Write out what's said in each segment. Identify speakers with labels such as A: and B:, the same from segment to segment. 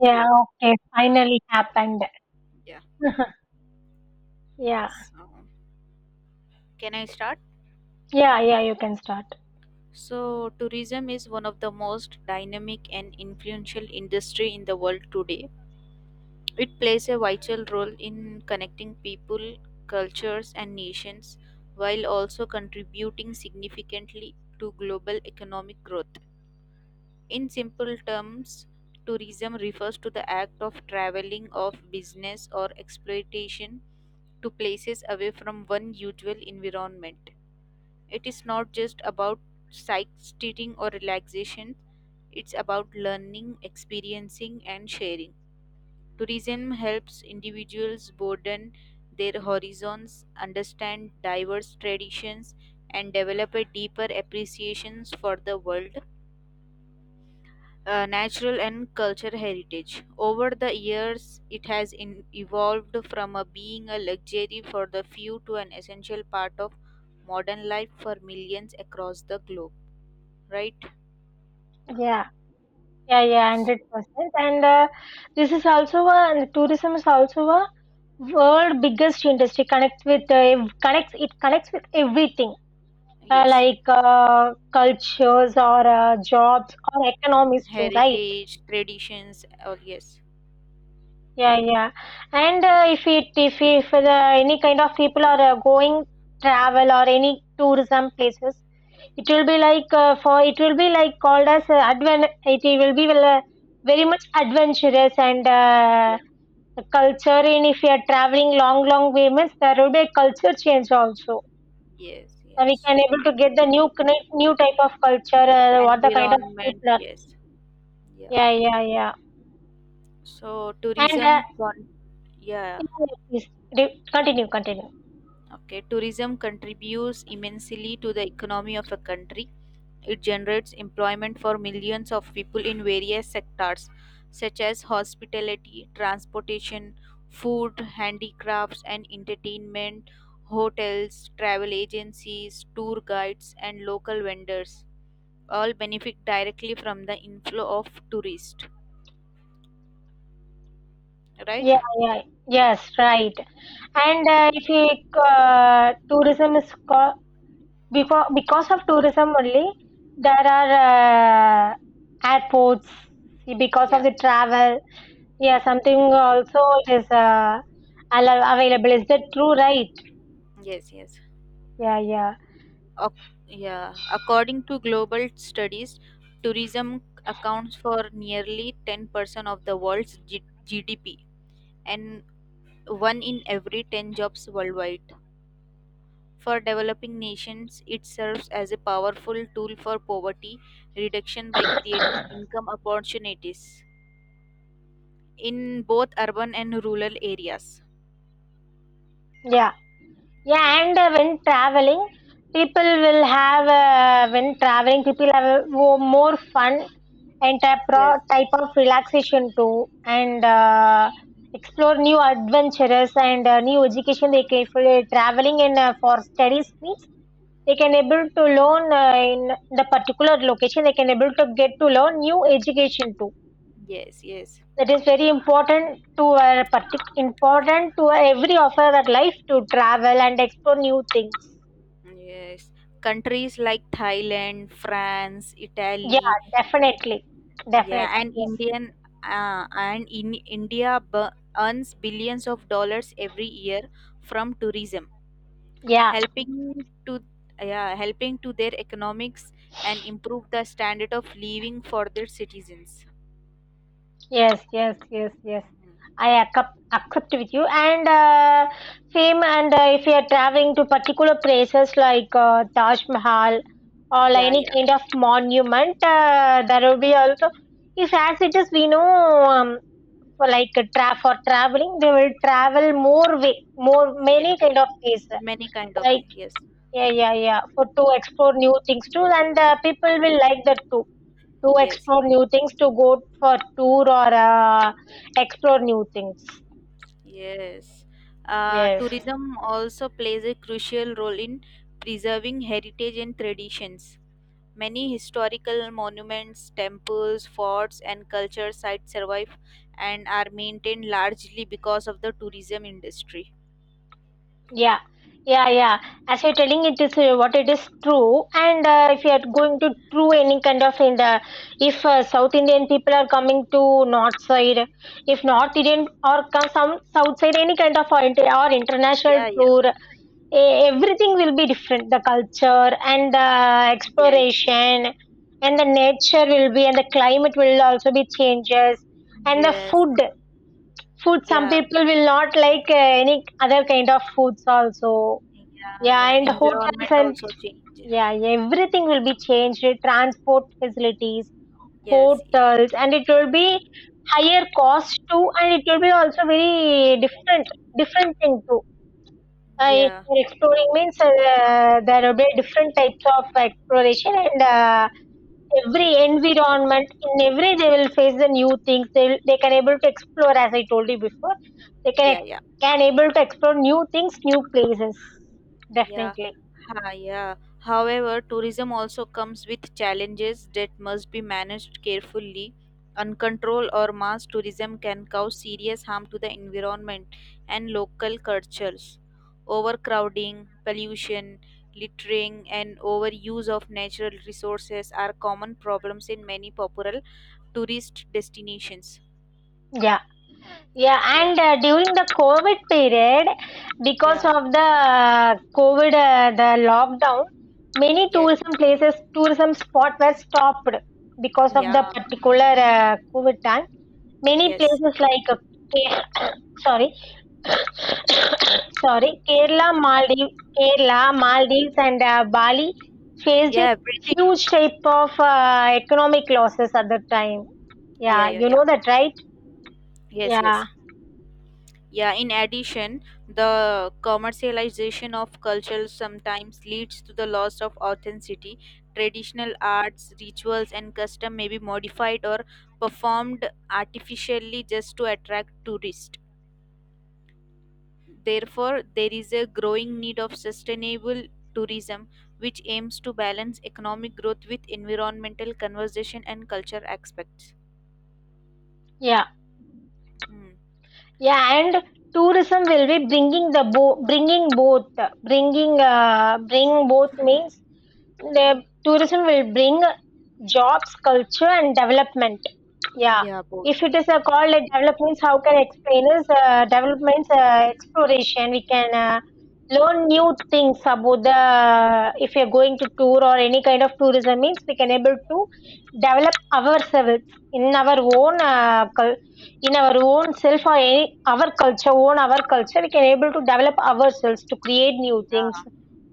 A: Yeah,
B: Hello.
A: okay, finally happened.
B: Yeah.
A: Yeah,
B: So, Can I start?
A: yeah, yeah, you can start.
B: So, tourism is one of the most dynamic and influential industry in the world today. It plays a vital role in connecting people, cultures, and nations while also contributing significantly to global economic growth. In simple terms, tourism refers to the act of traveling of business or exploitation to places away from one usual environment. It is not just about sightseeing or relaxation, it's about learning, experiencing, and sharing. Tourism helps individuals broaden their horizons, understand diverse traditions, and develop a deeper appreciation for the world, natural and cultural heritage. Over the years, it has evolved from a being a luxury for the few to an essential part of modern life for millions across the globe, right?
A: Yeah, yeah, yeah,
B: So
A: 100%. And this is also a, and tourism is also a world biggest industry connects it connects with everything,
B: yes,
A: like cultures or jobs or economies too, right?
B: heritage, traditions, all, yes,
A: Yeah, yeah. and if it if Any kind of people are going travel or any tourism places. It will be like for it will be like called as adven. It will be very much adventurous and
B: yeah,
A: the culture. In If you are traveling long, long way, means there will be a culture change also.
B: yes,
A: So we
B: yes,
A: can able to get the new type of culture. What the kind of
B: environment,
A: people? Are.
B: yes, yeah.
A: Yeah, yeah, yeah.
B: So
A: And
B: yeah,
A: yes, yes. Continue, continue.
B: okay, tourism contributes immensely to the economy of a country. It generates employment for millions of people in various sectors, such as hospitality, transportation, food, handicrafts, and entertainment, hotels, travel agencies, tour guides, and local vendors. All benefit directly from the inflow of tourists, right?
A: Yeah, yeah. Yes, right. And
B: Yeah,
A: if you, tourism is before because of tourism only there are airports because of
B: yeah,
A: the travel, yeah, something also it is available. Is that true, right?
B: yes, yes.
A: Yeah, yeah,
B: Ac- yeah, according to global studies, tourism accounts for nearly 10% of the world's GDP and one in every 10 jobs worldwide. For developing nations, it serves as a powerful tool for poverty reduction by creating income opportunities in both urban and rural areas.
A: yeah. Yeah,
B: Yeah.
A: and when traveling, people have more fun and
B: Yes.
A: type of relaxation too, and explore new adventures and new education. They
B: Yeah.
A: can, if they're traveling and for studies, means they can able to learn in the particular location. They can able to get to learn new education too.
B: Yes. Yes.
A: That is very important to important to every of our life to travel and explore new things.
B: Yes. Countries like Thailand, France,
A: Yeah,
B: Italy,
A: definitely. Definitely.
B: yeah, and
A: Yes.
B: Indian, and in India earns billions of dollars every year from tourism,
A: Yeah.
B: helping to, yeah, helping to their economics and improve the standard of living for their citizens.
A: Yes, yes, yes, yes. Accept with you. And same, and if you are traveling to particular places like Taj Mahal or like
B: Yeah,
A: any
B: yeah,
A: kind of monument, there will be also, if as it is, we know, um, for like tra for traveling, they will travel more way, more,
B: yeah.
A: many kind of ways.
B: Many kind of
A: Like,
B: things. Yes,
A: yeah, yeah, yeah, for to explore new things too, and people will like that too, to
B: yes,
A: explore
B: yes,
A: new things, to go for tour or explore new things.
B: yes.
A: Yes.
B: Tourism also plays a crucial role in preserving heritage and traditions. Many historical monuments, temples, forts, and culture sites survive and are maintained largely because of the tourism industry.
A: Yeah, yeah, yeah. As you're telling it is, what it is true, and if you are going to true any kind of, in the, if South Indian people are coming to North side, if North Indian or come some South side, any kind of or, or international
B: Yeah, yeah,
A: tour, e- everything will be different. The culture and the
B: yes, yes.
A: exploration and the nature will be, and the climate will also be changes, and the
B: Yes.
A: food. Food, some
B: Yeah.
A: people will not like any other kind of foods also.
B: Yeah.
A: Yeah,
B: Yeah.
A: and hotels
B: Environment
A: and
B: also changes.
A: yeah, yeah, everything will be changed. Transport facilities,
B: Yes. Yeah.
A: hotels, and it will be higher cost too, and it will be also very different, different thing too. I,
B: Yeah.
A: exploring means there will be different types of exploration and. Every environment in every, they will face the new things, they can able to explore as I told you before, they
B: Yeah. Yeah.
A: can able to explore new things, new places,
B: Yeah.
A: definitely.
B: Ha, yeah. However, tourism also comes with challenges that must be managed carefully. Uncontrolled or mass tourism can cause serious harm to the environment and local cultures. Overcrowding, pollution, littering, and overuse of natural resources are common problems in many popular tourist destinations.
A: Yeah, yeah,
B: Yeah,
A: and during the covid period, because
B: yeah,
A: of the uh, covid, the lockdown, many
B: yeah, yeah,
A: tourism places, tourism spot were stopped because of the
B: yeah,
A: particular covid time. Many
B: yes.
A: places like Ke- sorry, sorry, Kerala, Maldives, Kerala, Maldives, and Bali faced
B: Yeah, everything.
A: huge type of economic losses at the time.
B: Yeah,
A: Yeah,
B: yeah,
A: you
B: yeah.
A: know that, right?
B: Yes,
A: Yeah,
B: yes. Yeah, in addition, the commercialization of culture sometimes leads to the loss of authenticity. Traditional arts, rituals, and custom may be modified or performed artificially just to attract tourists. Therefore, there is a growing need of sustainable tourism, which aims to balance economic growth with environmental conservation and culture aspects.
A: yeah,
B: Hmm.
A: yeah. And tourism will be bringing both, bring both means the tourism will bring jobs, culture, and development. Yeah,
B: Yeah, both.
A: if it is called a development, how can I explain is development, exploration. We can learn new things about the, if you're going to tour or any kind of tourism means we can able to develop ourselves in our in our own self, or our culture own our culture, we can able to develop ourselves to create new things
B: Yeah,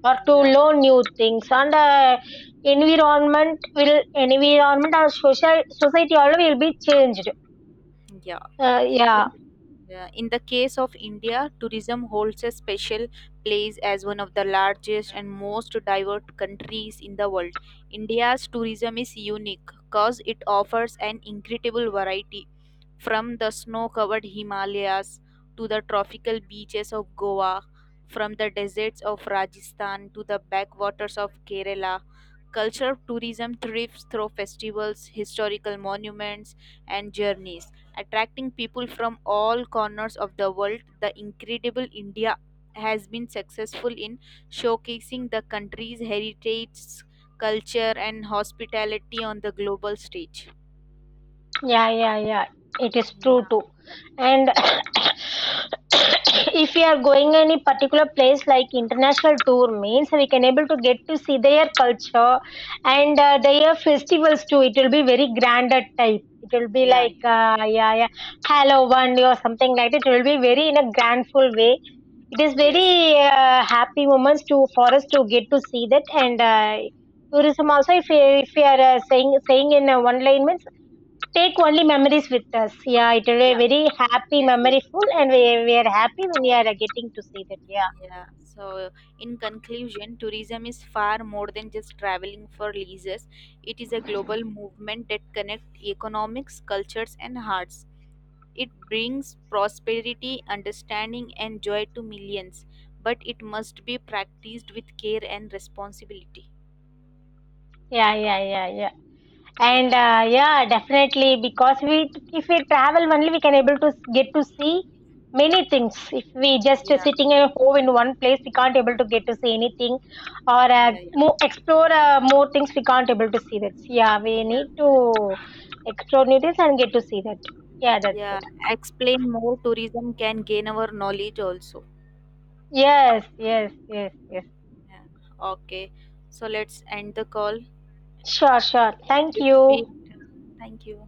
A: or to
B: yeah,
A: learn new things, and environment will, environment or social society all will be changed.
B: yeah.
A: Yeah.
B: In, in the case of India, tourism holds a special place as one of the largest and most diverse countries in the world. India's tourism is unique because it offers an incredible variety, from the snow covered Himalayas to the tropical beaches of Goa, from the deserts of Rajasthan to the backwaters of Kerala. Cultural tourism thrives through festivals, historical monuments, and journeys, attracting people from all corners of the world. The incredible India has been successful in showcasing the country's heritage, culture, and hospitality on the global stage.
A: Yeah, yeah, yeah. It is true
B: Yeah,
A: too. And
B: yeah.
A: if we are going any particular place like international tour means we can able to get to see their culture and their festivals too. It will be very grander type. It will be
B: Yeah,
A: like
B: yeah.
A: yeah, yeah, Halloween or something like that. It will be very in a grandful way. It is
B: Yes,
A: very happy moments to for us to get to see that and. Tourism also, if we are saying in one line means, take only memories with us. Yeah, it is a
B: yeah,
A: very happy,
B: yes, yes.
A: memoryful, and we are happy when we are getting to see that. Yeah,
B: Yeah, so in conclusion, tourism is far more than just traveling for leisure. It is a global movement that connects economics, cultures, and hearts. It brings prosperity, understanding, and joy to millions, but it must be practiced with care and responsibility.
A: yeah, yeah, yeah, yeah. And
B: Yeah,
A: yeah, definitely, because we, if we travel only, we can able to get to see many things. If we just
B: yeah,
A: sitting at home in one place, we can't able to get to see anything, or
B: yeah,
A: more things. We can't able to see that. Yeah, we
B: yeah,
A: need
B: yeah.
A: to explore new things and get to see that. Yeah, that's it.
B: Yeah. Explain more. Tourism can gain our knowledge also.
A: Yes, yes, yes, yes.
B: Yeah. Okay, so let's end the call.
A: Sure, sure. Thank you.
B: It's Thank you.